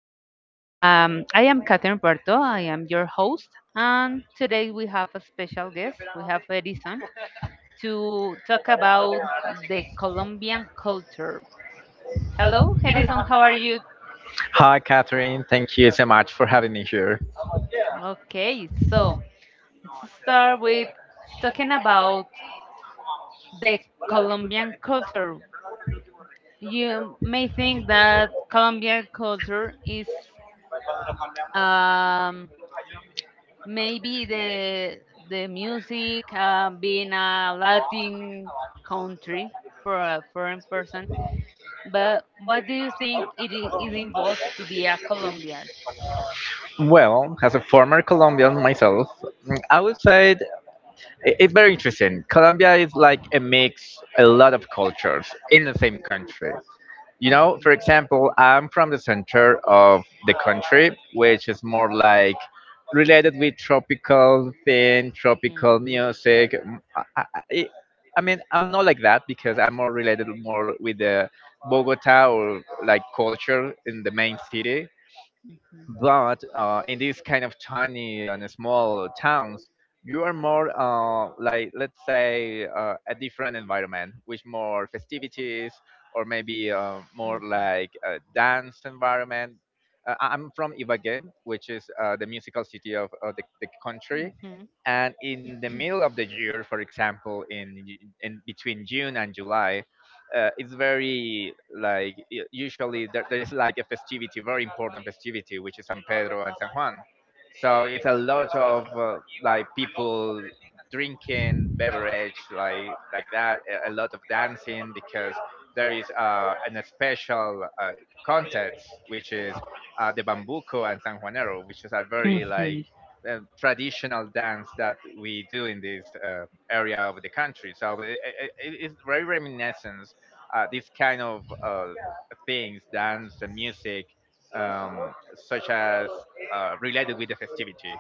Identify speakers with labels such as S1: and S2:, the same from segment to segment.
S1: I am Catherine Puerto. I am your host, and today we have a special guest. We have Edison to talk about the Colombian culture. Hello, Edison. How are you?
S2: Hi, Catherine. Thank you so much for having me here.
S1: Okay, so let's start with talking about the Colombian culture. You may think that Colombian culture is um, maybe the music, being a Latin country for a foreign person. But what do you think it involves to be a Colombian?
S2: Well, as a former Colombian myself, mm, I would say it's very interesting. Colombia is like a mix, a lot of cultures in the same country. You know, for example, I'm from the center of the country, which is more like related with tropical thing,
S1: Mhm.
S2: tropical
S1: Mhm.
S2: music. I I mean, I'm not like that because I'm more related more with the Bogota or like culture in the main city,
S1: Mhm.
S2: but in these kind of tiny and small towns you are more like, let's say, a different environment with more festivities, or maybe more
S1: Mhm.
S2: like a dance environment. I'm from ibagué, which is the musical city of the country, and in the middle of the year, for example, in between june and july, it's very like usually there is like a festivity, very important festivity, which is San Pedro and San Juan. So it's a lot of like people drinking beverage like that, a lot of dancing because there is an special contest, which is the bambuco and San Juanero, which is a very like traditional dance that we do in this area of the country. So it's very reminiscent this kind of things, dance and music, such as related with the festivity.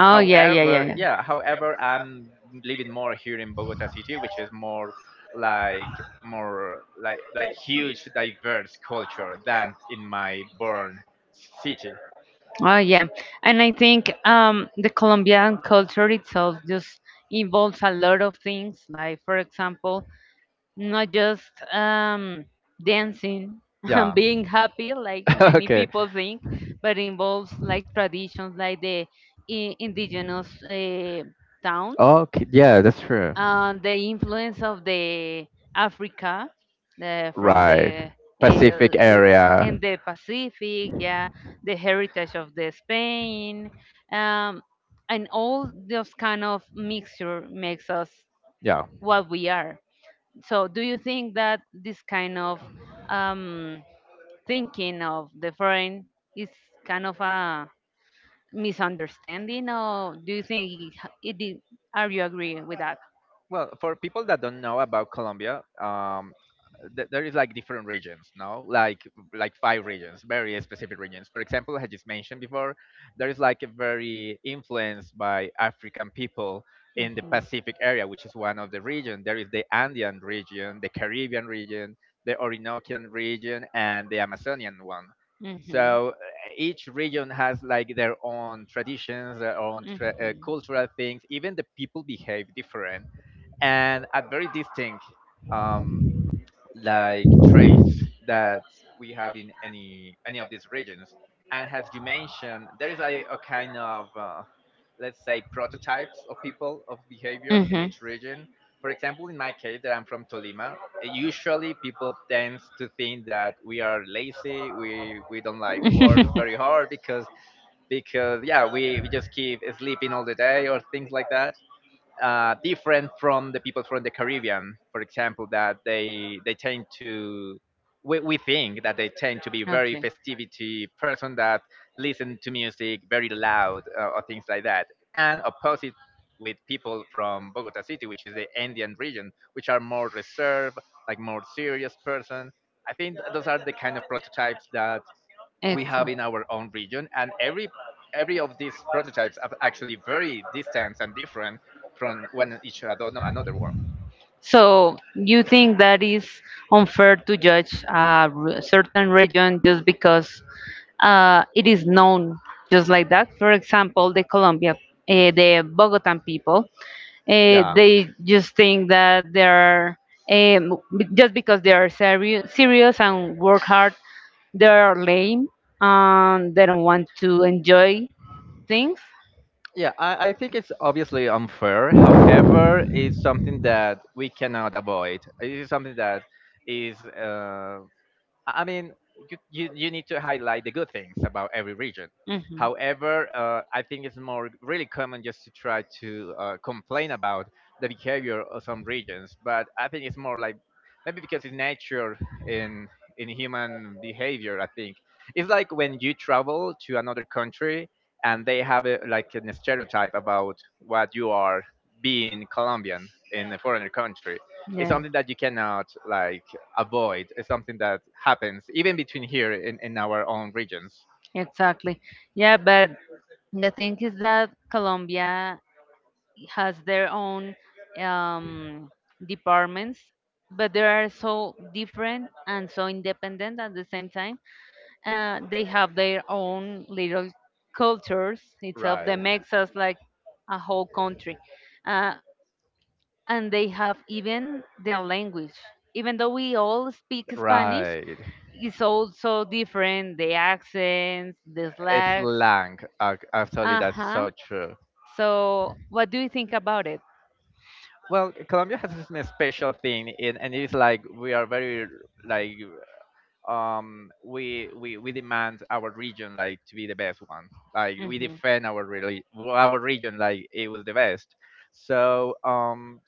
S1: Oh, yeah, yeah, yeah,
S2: However,
S1: yeah.
S2: yeah, however, I'm living more here in Bogota city, which is more like, more like huge diverse culture than in my born city.
S1: Oh yeah, and I think the Colombian culture itself just involves a lot of things. Like for example, not just, dancing and
S2: Yeah.
S1: being happy like many
S2: Okay.
S1: people think, but involves like traditions like the indigenous towns,
S2: Okay, yeah, that's true.
S1: and the influence of the Africa, from
S2: Right.
S1: the,
S2: Pacific
S1: uh,
S2: area.
S1: in the Pacific, yeah, the heritage of the Spain, um, and all those kind of mixture makes us
S2: Yeah.
S1: what we are. So, do you think that this kind of, um, thinking of the foreign is kind of a misunderstanding, or do you think, it, it, are you agree with that?
S2: Well, for people that don't know about Colombia, there is like different regions, no? Like five regions, very specific regions. For example, I just mentioned before, there is like a very influenced by African people in the Pacific area, which is one of the region. There is the Andean region, the Caribbean region, the Orinocan region, and the Amazonian one. So each region has like their own traditions, their own cultural things. Even the people behave different, and a very distinct um, like traits that we have in any of these regions. And as you mentioned, there is a kind of let's say prototypes of people of behavior in each region. For example, in my case, that I'm from Tolima, usually people tend to think that we are lazy, we don't like work very hard because, yeah, we just keep sleeping all the day, or things like that, different from the people from the Caribbean, for example, that they tend to, we think that they tend to be very
S1: Okay.
S2: festivity person that listen to music very loud, or things like that, and opposite with people from Bogota City, which is the Andean region, which are more reserved, like more serious person. I think those are the kind of prototypes that we have
S1: Excellent.
S2: in our own region, and every of these prototypes are actually very distant and different from one each other, no, another one.
S1: So you think that is unfair to judge a certain region just because, it is known just like that? For example, the Colombia, the Bogotan people,
S2: Yeah,
S1: they just think that they're, just because they are serious and work hard, they're lame and they don't want to enjoy things.
S2: yeah, I think it's obviously unfair, however it's something that we cannot avoid. It is something that is I mean, you need to highlight the good things about every region. However, I think it's more really common just to try to complain about the behavior of some regions. But I think it's more like maybe because it's nature in in human behavior. I think it's like when you travel to another country and they have like a stereotype about what you are, being Colombian in a foreigner country, it's
S1: Yeah.
S2: something that you cannot like avoid. It's something that happens even between here in our own regions.
S1: Exactly. Yeah, but the thing is that Colombia has their own um, departments, but they are so different and so independent at the same time. They have their own little cultures itself that
S2: Right.
S1: makes us like a whole country. Uh, and they have even their language. Even though we all speak Spanish,
S2: Right.
S1: it's also different the accents, the
S2: It's
S1: slangs.
S2: slang. Actually,
S1: Uh
S2: that's
S1: huh.
S2: so true.
S1: So, what do you think about it?
S2: Well, Colombia has this special thing, and it's like we are very like, we demand our region like to be the best one. Like
S1: Hmm.
S2: we
S1: Mm.
S2: defend our really our region like it was the best. So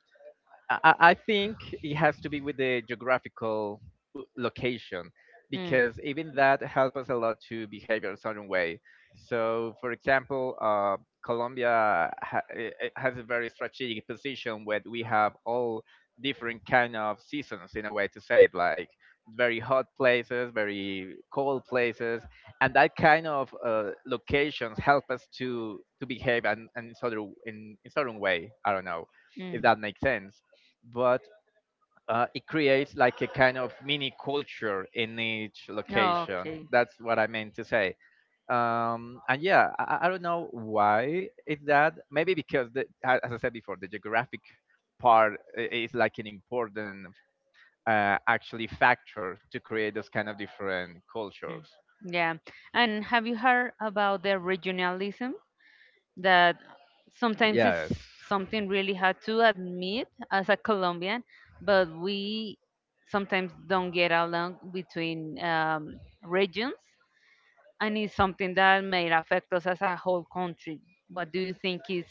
S2: I think it has to be with the geographical location, because even that helps us a lot to behave in a certain way. So, for example, Colombia has a very strategic position where we have all different kind of seasons, in a way to say it, like very hot places, very cold places, and that kind of locations help us to behave, and in, sort of, in certain way. I don't know if that makes sense, but it creates like a kind of mini culture in each
S1: Mm.
S2: location.
S1: Okay.
S2: That's what I meant to say. And yeah, I don't know why it's that. Maybe because the, as I said before, the geographic part is like an important actually factor to create those kind of different
S1: Mm.
S2: cultures.
S1: Yeah. And have you heard about the regionalism that sometimes, yeah,
S2: Yes.
S1: it's something really hard to admit as a Colombian, but we sometimes don't get along between, regions, and it's something that may affect us as a whole country. What do you think is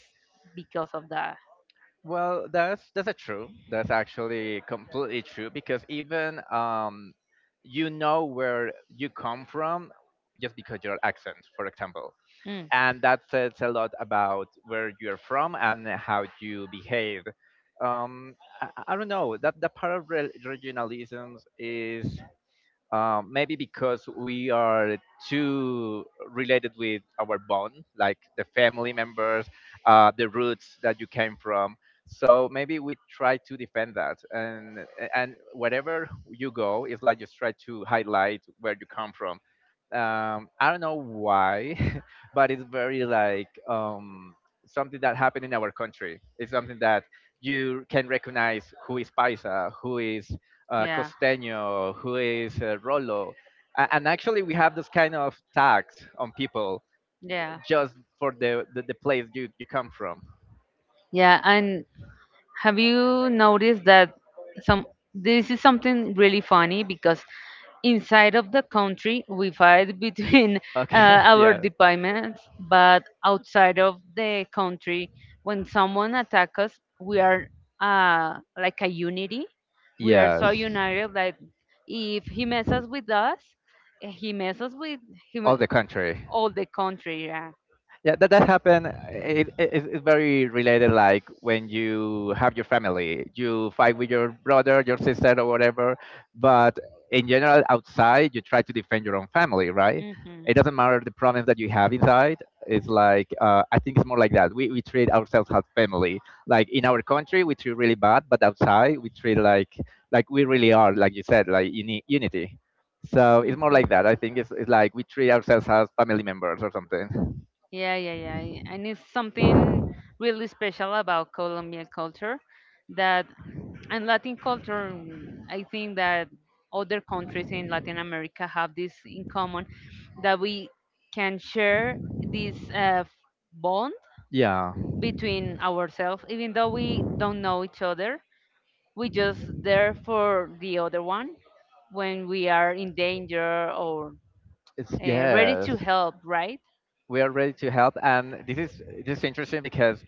S1: because of that?
S2: Well, that's a true. That's actually completely true because even you know where you come from just because your accent, for example,
S1: Mm.
S2: and that says a lot about where you're from and how you behave. Um, I don't know that the part of regionalisms is maybe because we are too related with our bond, like the family members, the roots that you came from. So maybe we try to defend that, and wherever you go, it's like just try to highlight where you come from. I don't know why, but it's very like something that happened in our country. It's something that you can recognize who is Paisa, who is
S1: Yeah.
S2: Costeño, who is Rolo. And actually, we have this kind of tags on people
S1: Yeah.
S2: just for the place you come from.
S1: Yeah, and have you noticed that, some this is something really funny, because inside of the country we fight between
S2: Okay,
S1: our
S2: yeah.
S1: departments, but outside of the country, when someone attacks us, we are, like a unity. We are so
S2: Yes.
S1: united that if he messes with us, he messes with
S2: All
S1: him,
S2: the country.
S1: all the country. Yeah.
S2: Yeah, that that happened. It's very related, like when you have your family, you fight with your brother, your sister, or whatever. But in general, outside, you try to defend your own family, right?
S1: Mm-hmm.
S2: It doesn't matter the problems that you have inside. It's like I think it's more like that. We treat ourselves as family. Like in our country, we treat really bad, but outside, we treat like we really are, like you said, like unity. So it's more like that. I think it's like we treat ourselves as family members or something.
S1: Yeah, yeah, yeah, yeah. And it's something really special about Colombian culture, that and Latin culture. I think that other countries in Latin America have this in common, that we can share this, bond
S2: Yeah,
S1: between ourselves, even though we don't know each other. We just there for the other one when we are in danger or,
S2: it's
S1: ready to
S2: yes.
S1: help, right?
S2: We are ready to help, and this is interesting because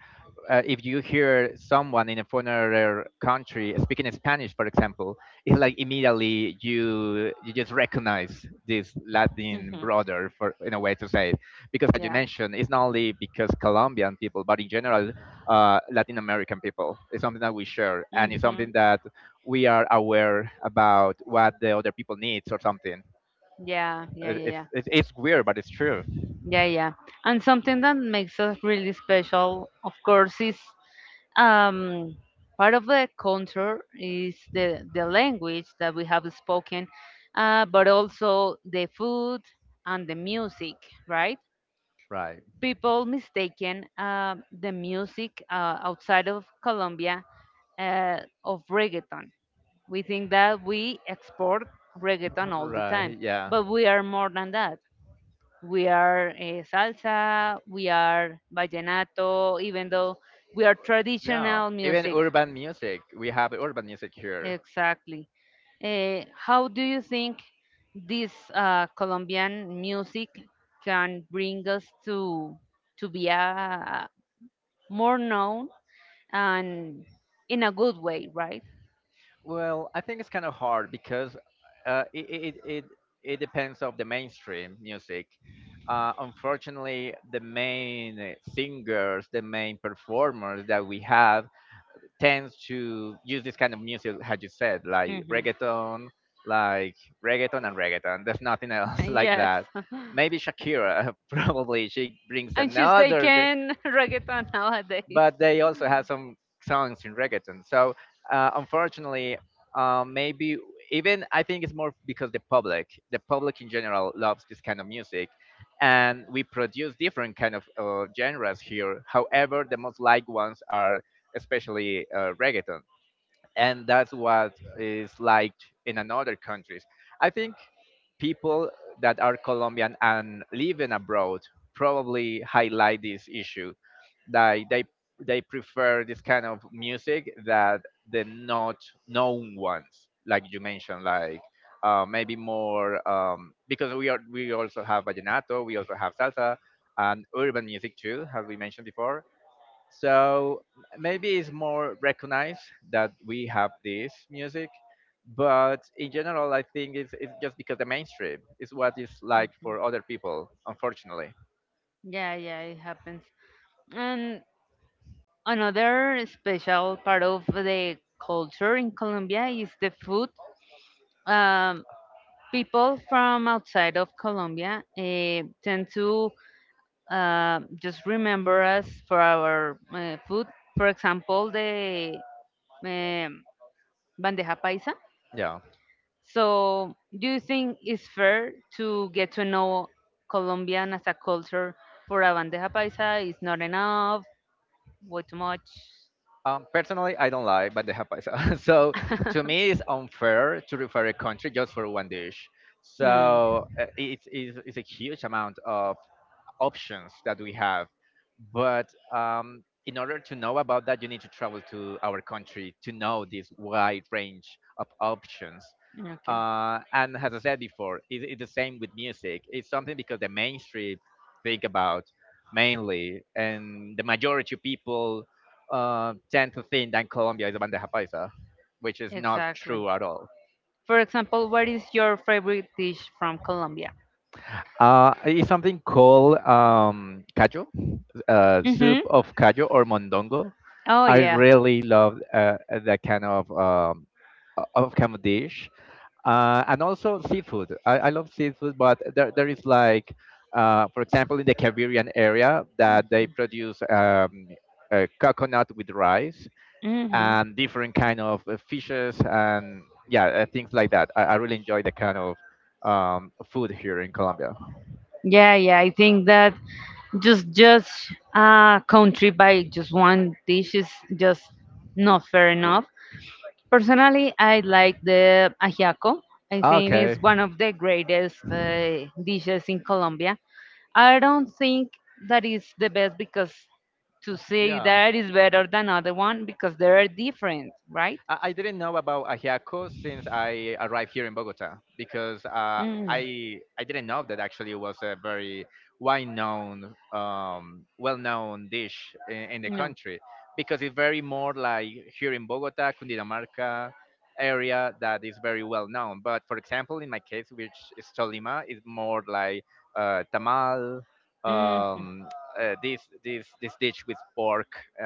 S2: if you hear someone in a foreigner country speaking in Spanish, for example, it's like immediately you just recognize this Latin
S1: Mhm.
S2: brother, for in a way to say it, because as you
S1: Yeah.
S2: mentioned, it's not only because Colombian people, but in general, Latin American people. It's something that we share, and it's
S1: Mhm.
S2: something that we are aware about what the other people needs or something.
S1: Yeah, yeah, yeah, yeah.
S2: It's weird, but it's true.
S1: Yeah, yeah. And something that makes us really special, of course, is, um, part of the culture is the language that we have spoken, but also the food and the music, right?
S2: Right.
S1: People mistaken the music, outside of Colombia, of reggaeton. We think that we export reggaeton all the time,
S2: Right, yeah.
S1: but we are more than that. We are, salsa, we are vallenato, even though we are
S2: Yeah,
S1: traditional
S2: even
S1: music.
S2: urban music. We have urban music here.
S1: Exactly. Eh, how do you think this, Colombian music can bring us to be, more known, and in a good way, right?
S2: Well, I think it's kind of hard because uh, it, it, it, it depends of the mainstream music. Unfortunately, the main singers, the main performers that we have tends to use this kind of music, as you said,
S1: Mhm.
S2: like reggaeton and reggaeton. There's nothing else like. Yeah.
S1: Yes.
S2: That. Maybe Shakira, probably she brings really
S1: And she's
S2: another,
S1: taking reggaeton nowadays.
S2: but they also have some songs in reggaeton. So unfortunately, maybe even I think it's more because the public in general loves this kind of music, and we produce different kind of genres here. However, the most liked ones are especially reggaeton, and that's what is like in another countries. I think people that are Colombian and living abroad probably highlight this issue that they prefer this kind of music, that the not known ones, like you mentioned, like maybe more because we are, we also have vallenato, we also have salsa and urban music too, as we mentioned before, so maybe it's more recognized that we have this music, but in general, I think it's just because the mainstream is what it's like
S1: Mhm.
S2: for other people, unfortunately.
S1: Yeah, yeah, it happens. And another special part of the culture in Colombia is the food. Um, People from outside of Colombia, tend to, just remember us for our, food. For example, the, um, bandeja paisa.
S2: Yeah.
S1: So, do you think it's fair to get to know Colombian as a culture for a bandeja paisa? Is not enough? Way too much?
S2: Personally, I don't like bandeja paisa. So to me, it's unfair to refer a country just for one dish.
S1: Mm.
S2: So it's a huge amount of options that we have. But in order to know about that, you need to travel to our country to know this wide range of options.
S1: Okay.
S2: And as I said before, it's the same with music. It's something because the mainstream think about mainly, and the majority of people tend to think that Colombia is a bandeja paisa, which is not
S1: Exactly.
S2: true at all.
S1: For example, what is your favorite dish from Colombia?
S2: It's something called callo, soup
S1: Mm-hmm.
S2: of callo or mondongo.
S1: Oh
S2: I
S1: yeah.
S2: really love that kind of kind of dish, and also seafood. I love seafood, but there is like, for example, in the Caribbean area that they produce coconut with rice
S1: Mm-hmm.
S2: and different kind of fishes and things like that. I really enjoy the kind of food here in Colombia.
S1: Yeah, yeah. I think that just country by just one dish is just not fair enough. Personally, I like the ajiaco. I think it's
S2: Okay.
S1: one of the greatest, dishes in Colombia. I don't think that is the best, because to say
S2: Yeah.
S1: that is better than other one, because they are different, right?
S2: I didn't know about ajiaco since I arrived here in Bogota because
S1: Mm,
S2: I didn't know that actually it was a very well known dish in the
S1: no.
S2: country because it's very more like here in Bogota, Cundinamarca area that is very well known. But for example, in my case, which is Tolima, is more like tamal.
S1: Mhm.
S2: Um, this dish with pork,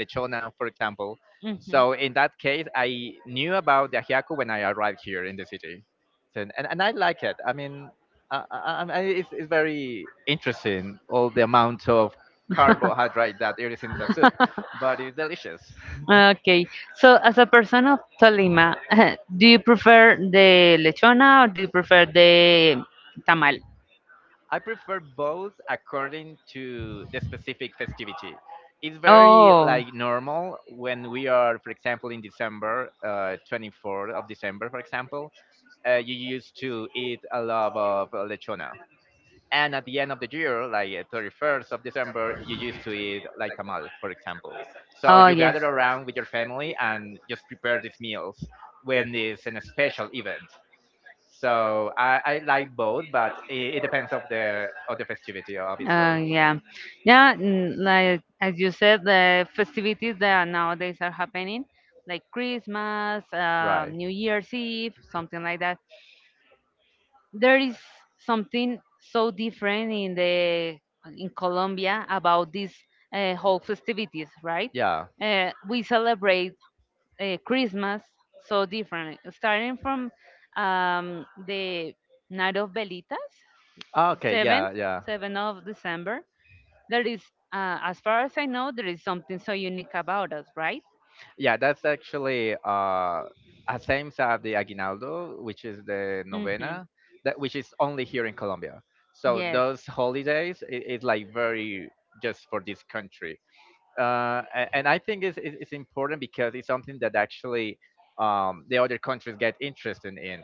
S2: lechona, for example, so in that case, I knew about the Ajiaco when I arrived here in the city, so, and I like it. I mean, it's very interesting all the amount of carbohydrate that there is in the soup, but it's delicious.
S1: Okay, so as a person of Tolima, do you prefer the lechona or do you prefer the tamal?
S2: I prefer both according to the specific festivity. It's very
S1: Oh.
S2: like normal when we are, for example, in December, 24th of December, for example, you used to eat a lot of lechona and at the end of the year, like 31st of December, you used to eat like tamal, for example. So
S1: Oh,
S2: you
S1: yes.
S2: gather around with your family and just prepare these meals when it's an special event. So I like both, but it depends of the festivity, obviously.
S1: Yeah. Yeah, like as you said, the festivities that nowadays are happening, like Christmas,
S2: Right.
S1: New Year's Eve, something like that. There is something so different in Colombia about these, whole festivities, right?
S2: Yeah.
S1: We celebrate, Christmas so differently, starting from, the night of Velitas,
S2: Ah, okay,
S1: seventh,
S2: yeah, yeah.
S1: 7th of December. There is, as far as I know, there is something so unique about us, right?
S2: Yeah, that's actually a same as the aguinaldo, which is the
S1: Mm-hmm.
S2: novena, that which is only here in Colombia. So
S1: Yes.
S2: those holidays is like very just for this country, and I think it's important because it's something that actually the other countries get interested in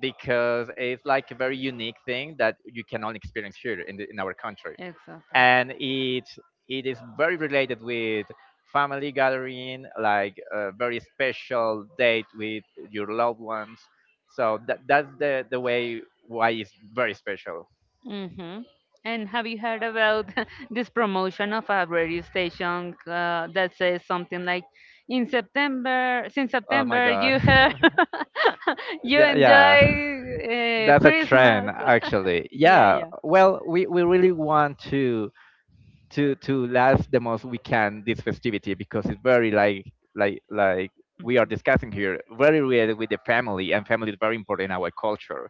S2: because it's like a very unique thing that you cannot experience here in the, in our country.
S1: Exactly.
S2: And it is very related with family gathering, like a very special date with your loved ones. So that's the way why it's very special.
S1: Mm-hmm. And have you heard about this promotion of a radio station, that says something like, "In September, since
S2: Oh my
S1: September,
S2: god.
S1: you enjoy,
S2: Yeah, yeah. That's a trend
S1: Christmas."
S2: actually.
S1: Yeah,
S2: Yeah.
S1: yeah,
S2: Well, we really want to last the most we can this festivity because it's very like like we are discussing here very related with the family and family is very important in our culture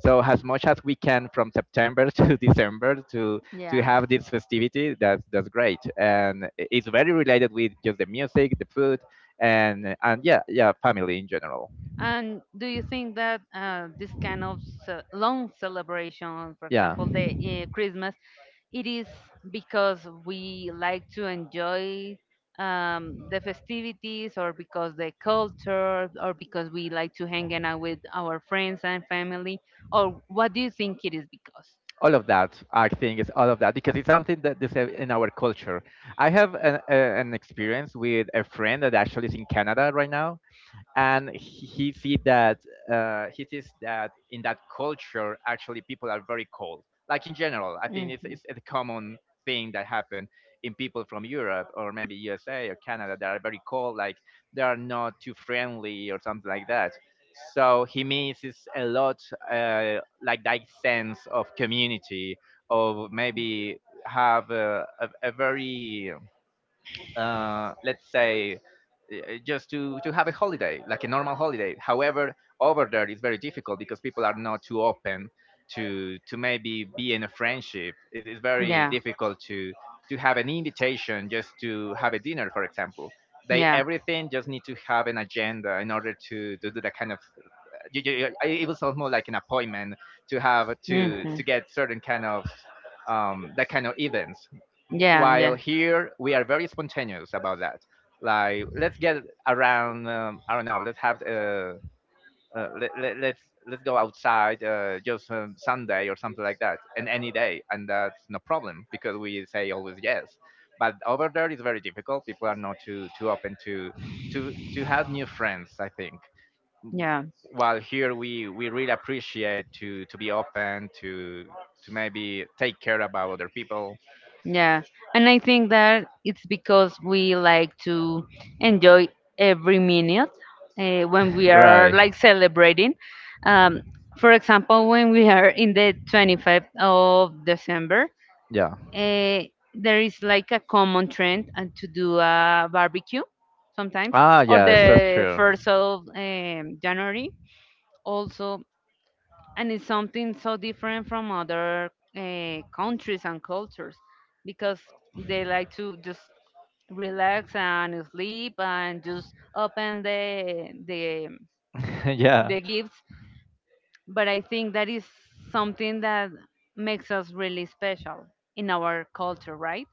S2: so as much as we can from September to December to
S1: yeah.
S2: have this festivity, that's great and it's very related with just the music, the food and yeah family in general.
S1: And do you think that, this kind of long celebration, for
S2: Yeah,
S1: example, the, Christmas, it is because we like to enjoy, the festivities, or because the culture, or because we like to hang out with our friends and family, or what do you think it is because?
S2: all of that. I think it's all of that because it's something that is in our culture. I have an experience with a friend that actually is in Canada right now and he see that he sees that in that culture actually people are very cold like in general. I think it's,
S1: Mhm.
S2: it's a common thing that happen in people from Europe or maybe USA or Canada that are very cold, like they are not too friendly or something like that, so he misses a lot like that sense of community of maybe have a very let's say uh, just to have a holiday like a normal holiday. However over there it's very difficult because people are not too open to maybe be in a friendship. It is very
S1: Yeah.
S2: difficult to have an invitation just to have a dinner, for example. They
S1: Yeah.
S2: everything just need to have an agenda in order to do that kind of it was almost like an appointment to have
S1: Hmm.
S2: to get certain kind of that kind of events.
S1: Yeah,
S2: While
S1: yeah.
S2: here we are very spontaneous about that. Like let's get around. I don't know. Let's have uh, let, let, let's let's go outside just Sunday or something like that, and any day, and that's no problem because we say always yes. But over there it's very difficult. People are not too open to have new friends, I think. While here we really appreciate to be open to maybe take care about other people.
S1: Yeah. Yeah. And I think that it's because we like to enjoy every minute, when we are
S2: Right.
S1: like celebrating. Um, for example, when we are in the 25th of December,
S2: Yeah,
S1: uh, there is like a common trend, to do a barbecue sometimes,
S2: ah
S1: or
S2: yes, that's
S1: the
S2: true.
S1: 1st of, January. Also, and it's something so different from other, countries and cultures, because they like to just relax and sleep and just open the the
S2: Yeah.
S1: the gifts, but I think that is something that makes us really special in our culture, right?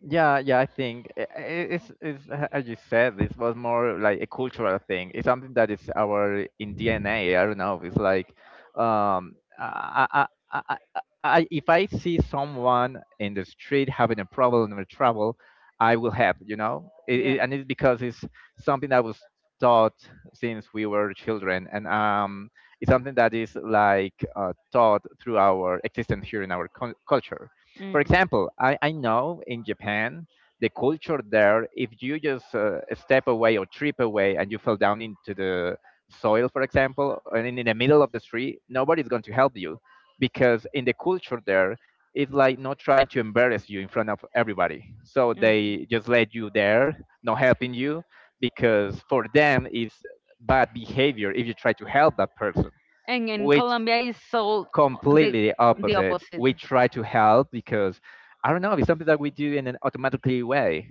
S2: Yeah, yeah, I think it's as you said, this was more like a cultural thing. It's something that is our in DNA. I don't know. It's like, if I see someone in the street having a problem or trouble, I will help. You know,
S1: Yeah.
S2: and it's because it's something that was taught since we were children, and it's something that is like taught through our existence here in our culture. For
S1: Mhm.
S2: example, I know in Japan, the culture there, if you just step away or trip away and you fall down into the soil, for example, and in the middle of the street, nobody's going to help you because in the culture there, it's like not trying to embarrass you in front of everybody. So
S1: Mm.
S2: they just let you there, not helping you, because for them it's bad behavior if you try to help that person,
S1: And in
S2: which
S1: Colombia is so the
S2: completely the
S1: the
S2: opposite.
S1: opposite.
S2: We try to help because I don't know, it's something that we do in an automatically way.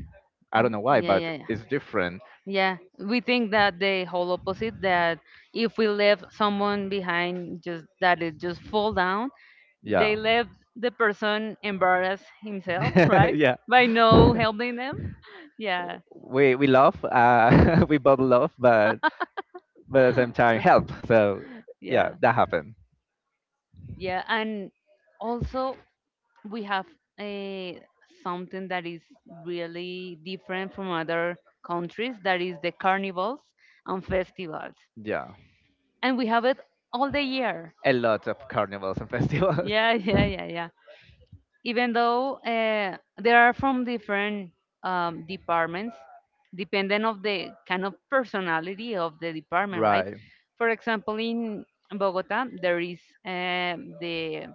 S2: I don't
S1: Mhm.
S2: know why,
S1: Yeah,
S2: but
S1: yeah, yeah.
S2: it's different.
S1: Yeah, we think that the whole opposite, that if we leave someone behind, just that it just fall down, they
S2: Yeah.
S1: left the person embarrass himself, right?
S2: Yeah.
S1: By no helping them. Yeah,
S2: We love, we both love, but at the same time help. So yeah,
S1: yeah,
S2: that happened.
S1: yeah, and also we have, uh, something that is really different from other countries, that is the carnivals and festivals,
S2: Yeah,
S1: and we have it all the year.
S2: a lot of carnivals and festivals.
S1: Yeah, yeah, yeah, yeah. Even though, they are from different, departments, depending of the kind of personality of the department, right?
S2: Right.
S1: For example, in Bogota there is, the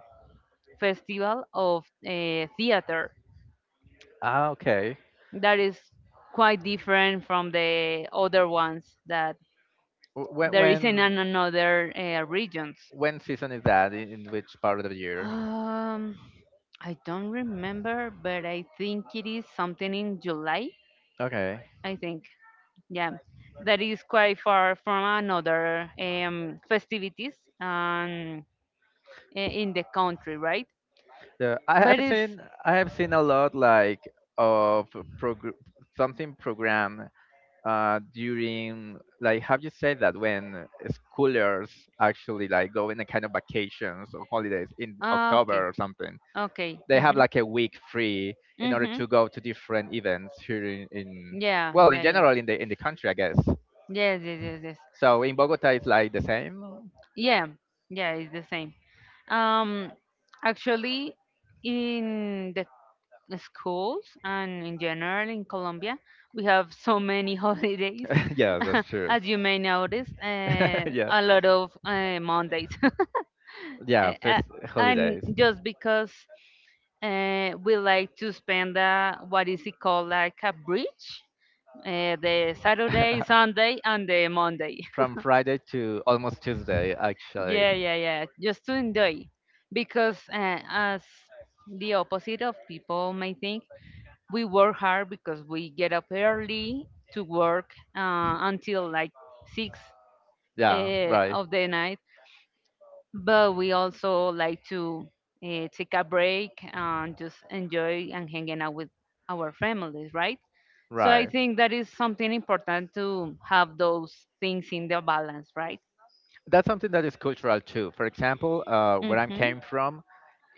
S1: festival of, theater,
S2: Ah, okay.
S1: that is quite different from the other ones that
S2: Wh- When
S1: there is in
S2: when
S1: another, regions.
S2: when season is that? In which part of the year?
S1: Um, I don't remember, but I think it is something in July.
S2: Okay.
S1: I think, yeah, that is quite far from another, festivities, um, in the country, right?
S2: Yeah,
S1: But it's,
S2: I have seen a lot like of progr program during like how you say that when schoolers actually like go in a kind of vacations or holidays in
S1: uh,
S2: October or something.
S1: okay.
S2: They have like a week free in
S1: Hmm.
S2: order
S1: Hmm.
S2: to go to different events here in
S1: Yeah,
S2: well in
S1: yeah, yeah.
S2: general in the country, I guess.
S1: Yes, yes, yes, yes.
S2: So in Bogota it's like the same.
S1: Yeah, yeah, it's the same. Um, Actually, in the schools and in general in Colombia, we have so many holidays.
S2: Yeah, that's true.
S1: As you may notice,
S2: Yeah,
S1: a lot of, Mondays.
S2: yeah,
S1: Uh,
S2: first
S1: uh, and
S2: holidays.
S1: just because, we like to spend, what is it called, like a bridge, the Saturday, Sunday, and the Monday.
S2: From Friday to almost Tuesday actually.
S1: Yeah, yeah, yeah. Just to enjoy. Because, as the opposite of people may think, we work hard because we get up early to work, until like 6,
S2: Yeah. Right.
S1: of the night. But we also like to, take a break and just enjoy and hanging out with our families, right? So I
S2: Right,
S1: think that is something important to have those things in the balance, right?
S2: that's something that is cultural too. For example, where I
S1: Mm-hmm.
S2: came from,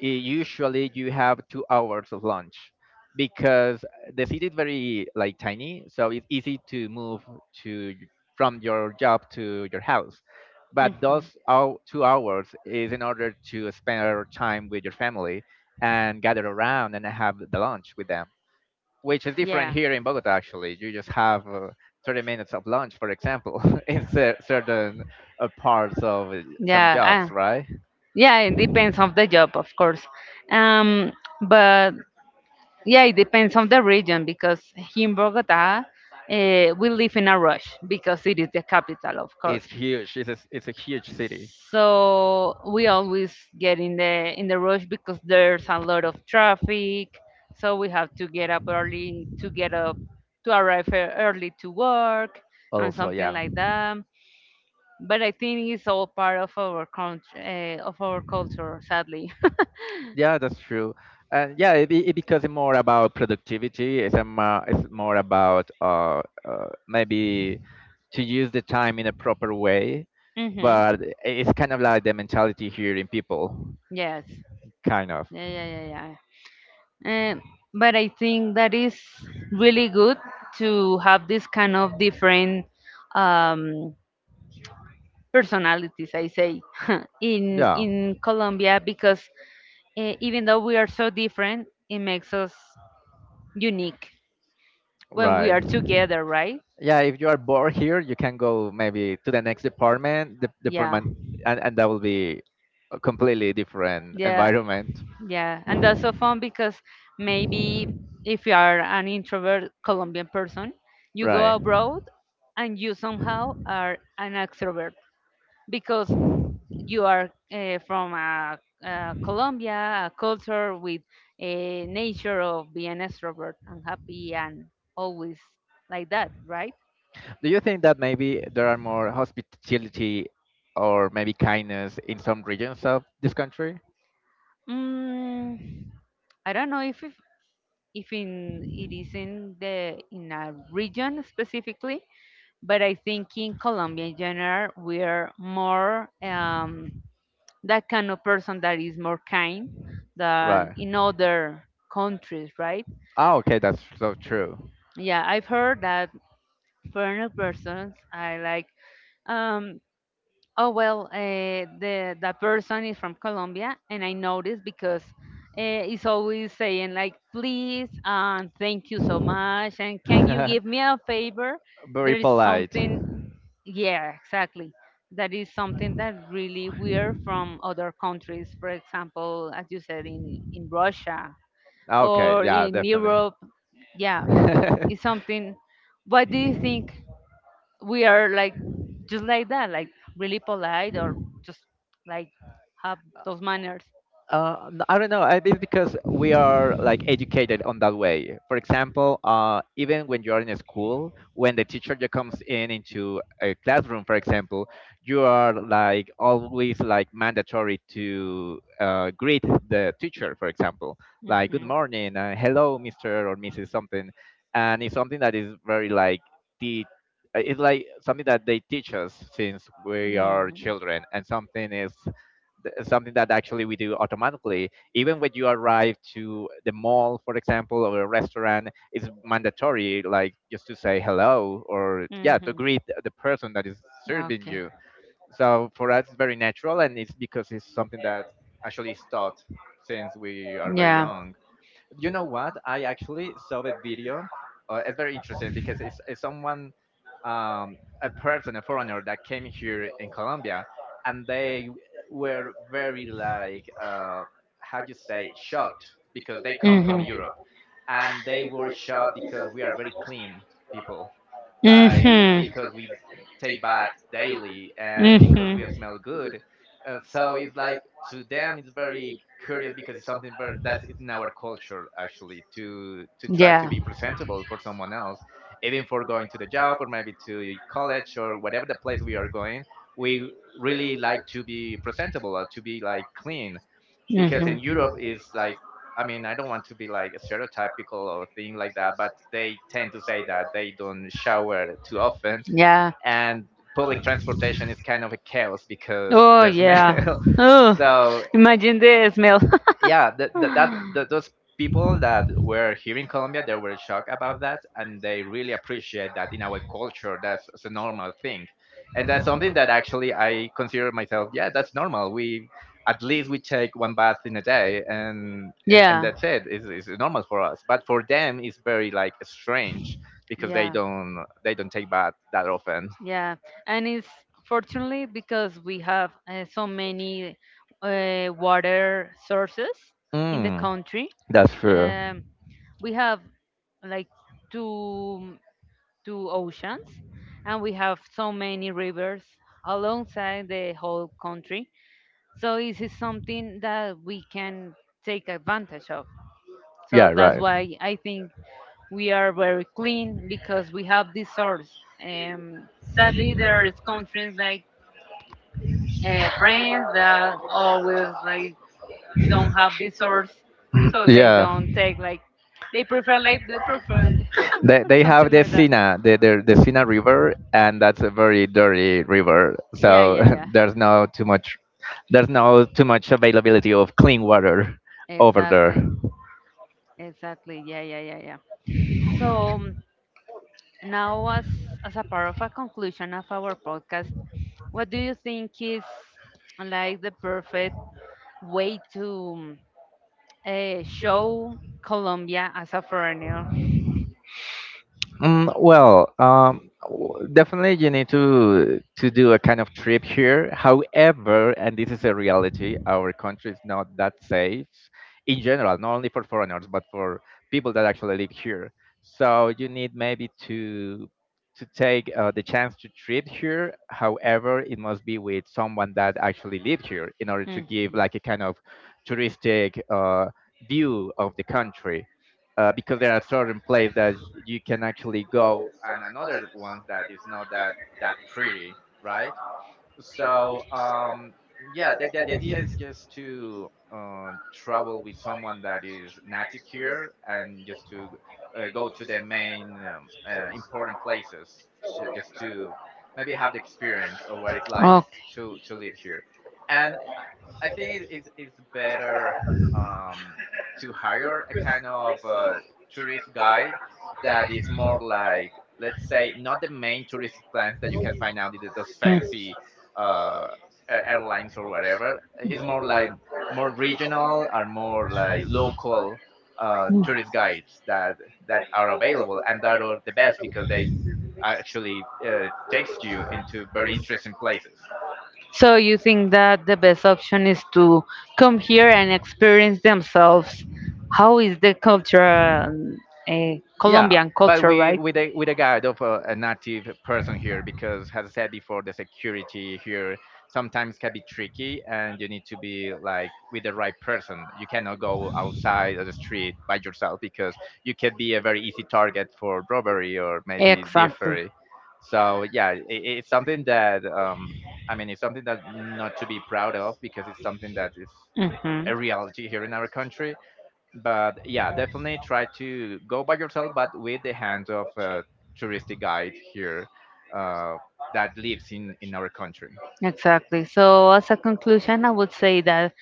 S2: i- usually you have 2 hours of lunch because the city is very like tiny, so it's easy to move to y- from your job to your house. But
S1: Mhm.
S2: those 2 hours is in order to spend our time with your family and gather around and have the lunch with them, which is different
S1: Yeah.
S2: here in Bogota. Actually, you just have 30 minutes of lunch, for example, in certain parts of some
S1: Yeah,
S2: jobs. Right?
S1: yeah, it depends on the job, of course. Um, but yeah, it depends on the region, because here in Bogota, we live in a rush because it is the capital, of
S2: It's
S1: course.
S2: huge. It's it's a huge city.
S1: So we always get in the rush because there's a lot of traffic, so we have to get up early to get up to arrive early to work and
S2: Also,
S1: something
S2: yeah.
S1: like that, but I think it's all part of our country, of our culture, sadly.
S2: Yeah, that's true. And yeah, it becomes more about productivity. It's more about maybe to use the time in a proper way.
S1: Mm-hmm.
S2: But it's kind of like the mentality here in people,
S1: Yes,
S2: kind of.
S1: yeah, yeah, yeah, yeah. But I think that is really good to have this kind of different, um personalities, I say. In
S2: Yeah.
S1: Colombia, because, even though we are so different, it makes us unique when we
S2: Right.
S1: are together, right?
S2: Yeah, if you are bored here, you can go maybe to the next department,
S1: Yeah,
S2: and that will be a completely different
S1: yeah,
S2: environment.
S1: yeah, and that's so fun, because maybe if you are an introvert Colombian person, you go
S2: Right.
S1: abroad and you somehow are an extrovert, because you are, from a Colombia, a culture with a nature of being extrovert and happy and always like that, right?
S2: Do you think that maybe there are more hospitality or maybe kindness in some regions of this country?
S1: Mm, I don't know if, in it is in the in a region specifically, but I think in Colombia in general we are more, that kind of person that is more kind than
S2: Right.
S1: in other countries, right?
S2: Ah, okay, that's so true.
S1: Yeah, I've heard that for new persons, I like, um oh well, the that person is from Colombia, and I noticed because, it's always saying like please and thank you so much and can you give me a favor, there
S2: Very
S1: is
S2: polite.
S1: something, yeah, exactly, that is something that really we're from other countries, for example, as you said, in Russia
S2: Okay,
S1: or
S2: yeah,
S1: in
S2: definitely.
S1: Europe, yeah, it's something. What do you think, we are like just like that, like really polite, or just like have those manners?
S2: I don't know. It's because we are like educated on that way. For example, even when you're in a school, when the teacher just comes in into a classroom, for example, you are like always like mandatory to greet the teacher, for example, like good
S1: Mhm.
S2: morning, hello, Mister or Mrs. something, and it's something that is very like the it's like something that they teach us since we are
S1: Mhm.
S2: children, and something is something that actually we do automatically, even when you arrive to the mall, for example, or a restaurant, it's mandatory like just to say hello or yeah to
S1: Mhm.
S2: greet the person that is serving
S1: Okay.
S2: you. So for us it's very natural and it's because it's something that actually is taught since we are very
S1: Yeah.
S2: young. You know what? I actually saw the video. It's very interesting because it's someone, a person, a foreigner that came here in Colombia, and they were very like, how do you say, shocked because they come from
S1: Mhm.
S2: Europe, and they were shocked because we are very clean people,
S1: Mhm.
S2: like
S1: Mhm.
S2: because we take bath daily and because we smell good. So it's like to them it's very curious because it's that is in our culture, actually, to try to
S1: Yeah.
S2: be
S1: Mhm.
S2: presentable for someone else, even for going to the job or maybe to college or whatever the place we are going. We really like to be presentable or to be like clean, because in Europe is like, I mean, I don't want to be like a stereotypical or thing like that, but they tend to say that they don't shower too often,
S1: Yeah.
S2: and public transportation is kind of a chaos because
S1: Oh
S2: there's
S1: yeah.
S2: smell.
S1: Oh,
S2: So
S1: imagine the smell.
S2: yeah, that that, that that those people that were here in Colombia, they were shocked about that, and they really appreciate that in our culture. It's a normal thing, and that's something that actually I consider myself, yeah, that's normal. We, at least, we take one bath in a day, and
S1: Yeah.
S2: that's it. It's normal for us, but for them it's very like strange, because
S1: Yeah.
S2: they don't take bath that often.
S1: Yeah, and it's fortunately because we have, so many, water sources in the
S2: mm,
S1: country.
S2: that's true.
S1: Um, we have like two two oceans, and we have so many rivers alongside the whole country. So this is something that we can take advantage of. So
S2: Yeah,
S1: that's
S2: right.
S1: why I think we are very clean, because we have this source. Sadly, there is countries like, France that always like don't have this source, so they
S2: Yeah.
S1: don't take like, they prefer like the perfume
S2: They
S1: or
S2: have
S1: something
S2: the
S1: like that.
S2: Sina, the Sina River, and that's a very dirty river.
S1: Yeah,
S2: So
S1: yeah, yeah.
S2: there's no too much, there's no too much availability of clean water over there.
S1: Exactly. Exactly. Yeah, yeah, yeah, yeah. So, now, as a part of a conclusion of our podcast, what do you think is like the perfect way to, show Colombia as a foreigner?
S2: Mm, well, definitely you need to do a kind of trip here. However, and this is a reality, our country is not that safe in general, not only for foreigners but for people that actually live here. So you need maybe to take the chance to trip here. However, it must be with someone that actually lived here in order to
S1: Mm.
S2: give like a kind of touristic, view of the country, because there are certain places that you can actually go and another ones that is not that that pretty, right? So yeah, the idea is just to, travel with someone that is native here and just to, go to the main important places, just to maybe have the experience of what it's like to live here. And I think it's better, um, to hire a kind of, tourist guide that is more like, let's say, not the main touristic plans that you can find out in those fancy, uh, airlines or whatever. It's more like more regional or more like local, tourist guides that are available and that are the best because they actually, takes you into very interesting places.
S1: So you think that the best option is to come here and experience themselves. How is the culture, um,
S2: Yeah,
S1: Colombian
S2: but
S1: culture,
S2: we,
S1: right?
S2: with a guide of a native person here, because, as I said before, the security here sometimes can be tricky, and you need to be like with the right person. You cannot go outside of the street by yourself because you can be a very easy target for robbery or maybe
S1: Exactly.
S2: thievery. So yeah, it's something that I mean, it's something that not to be proud of, because it's something that is
S1: Hmm.
S2: a reality here in our country. But yeah, definitely try to go by yourself, but with the hand of a touristic guide here, uh, that lives in our country.
S1: Exactly. So, as a conclusion, I would say that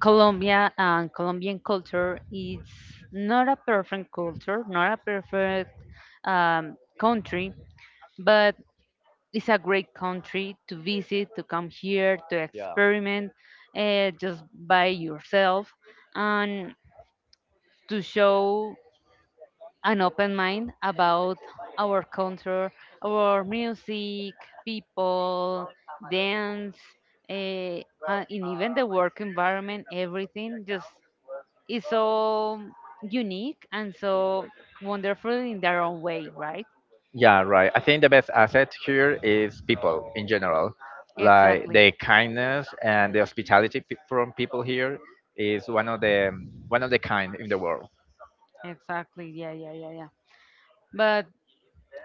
S1: Colombia and Colombian culture is not a perfect culture, not a perfect, country, but it's a great country to visit, to come here, to
S2: Yeah.
S1: experiment, just by yourself, and to show an open mind about our culture, our music, people, dance, uh, and even the work environment, everything. Just is so unique and so wonderful in their own way, right?
S2: Yeah, right, I think the best asset here is people in general, like the
S1: Exactly,
S2: kindness and the hospitality from people here is one of the kind in the world.
S1: exactly. Yeah, yeah, yeah, yeah. But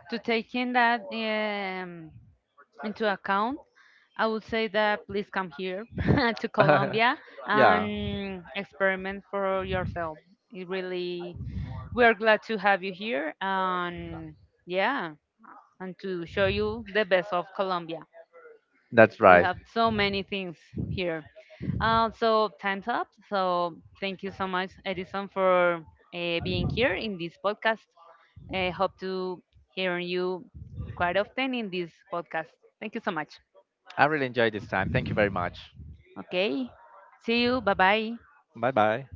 S1: to take in that, into account, I would say that please come here to Colombia
S2: Yeah,
S1: and experiment for yourself. It really, we are glad to have you here, and yeah, and to show you the best of Colombia.
S2: that's
S1: We
S2: right.
S1: have so many things here. So time's up. So thank you so much, Edison, for, being here in this podcast. I hope to hear you quite often in this podcast. Thank you so much.
S2: I really enjoyed this time. Thank you very much.
S1: Okay. See you. Bye bye.
S2: Bye bye.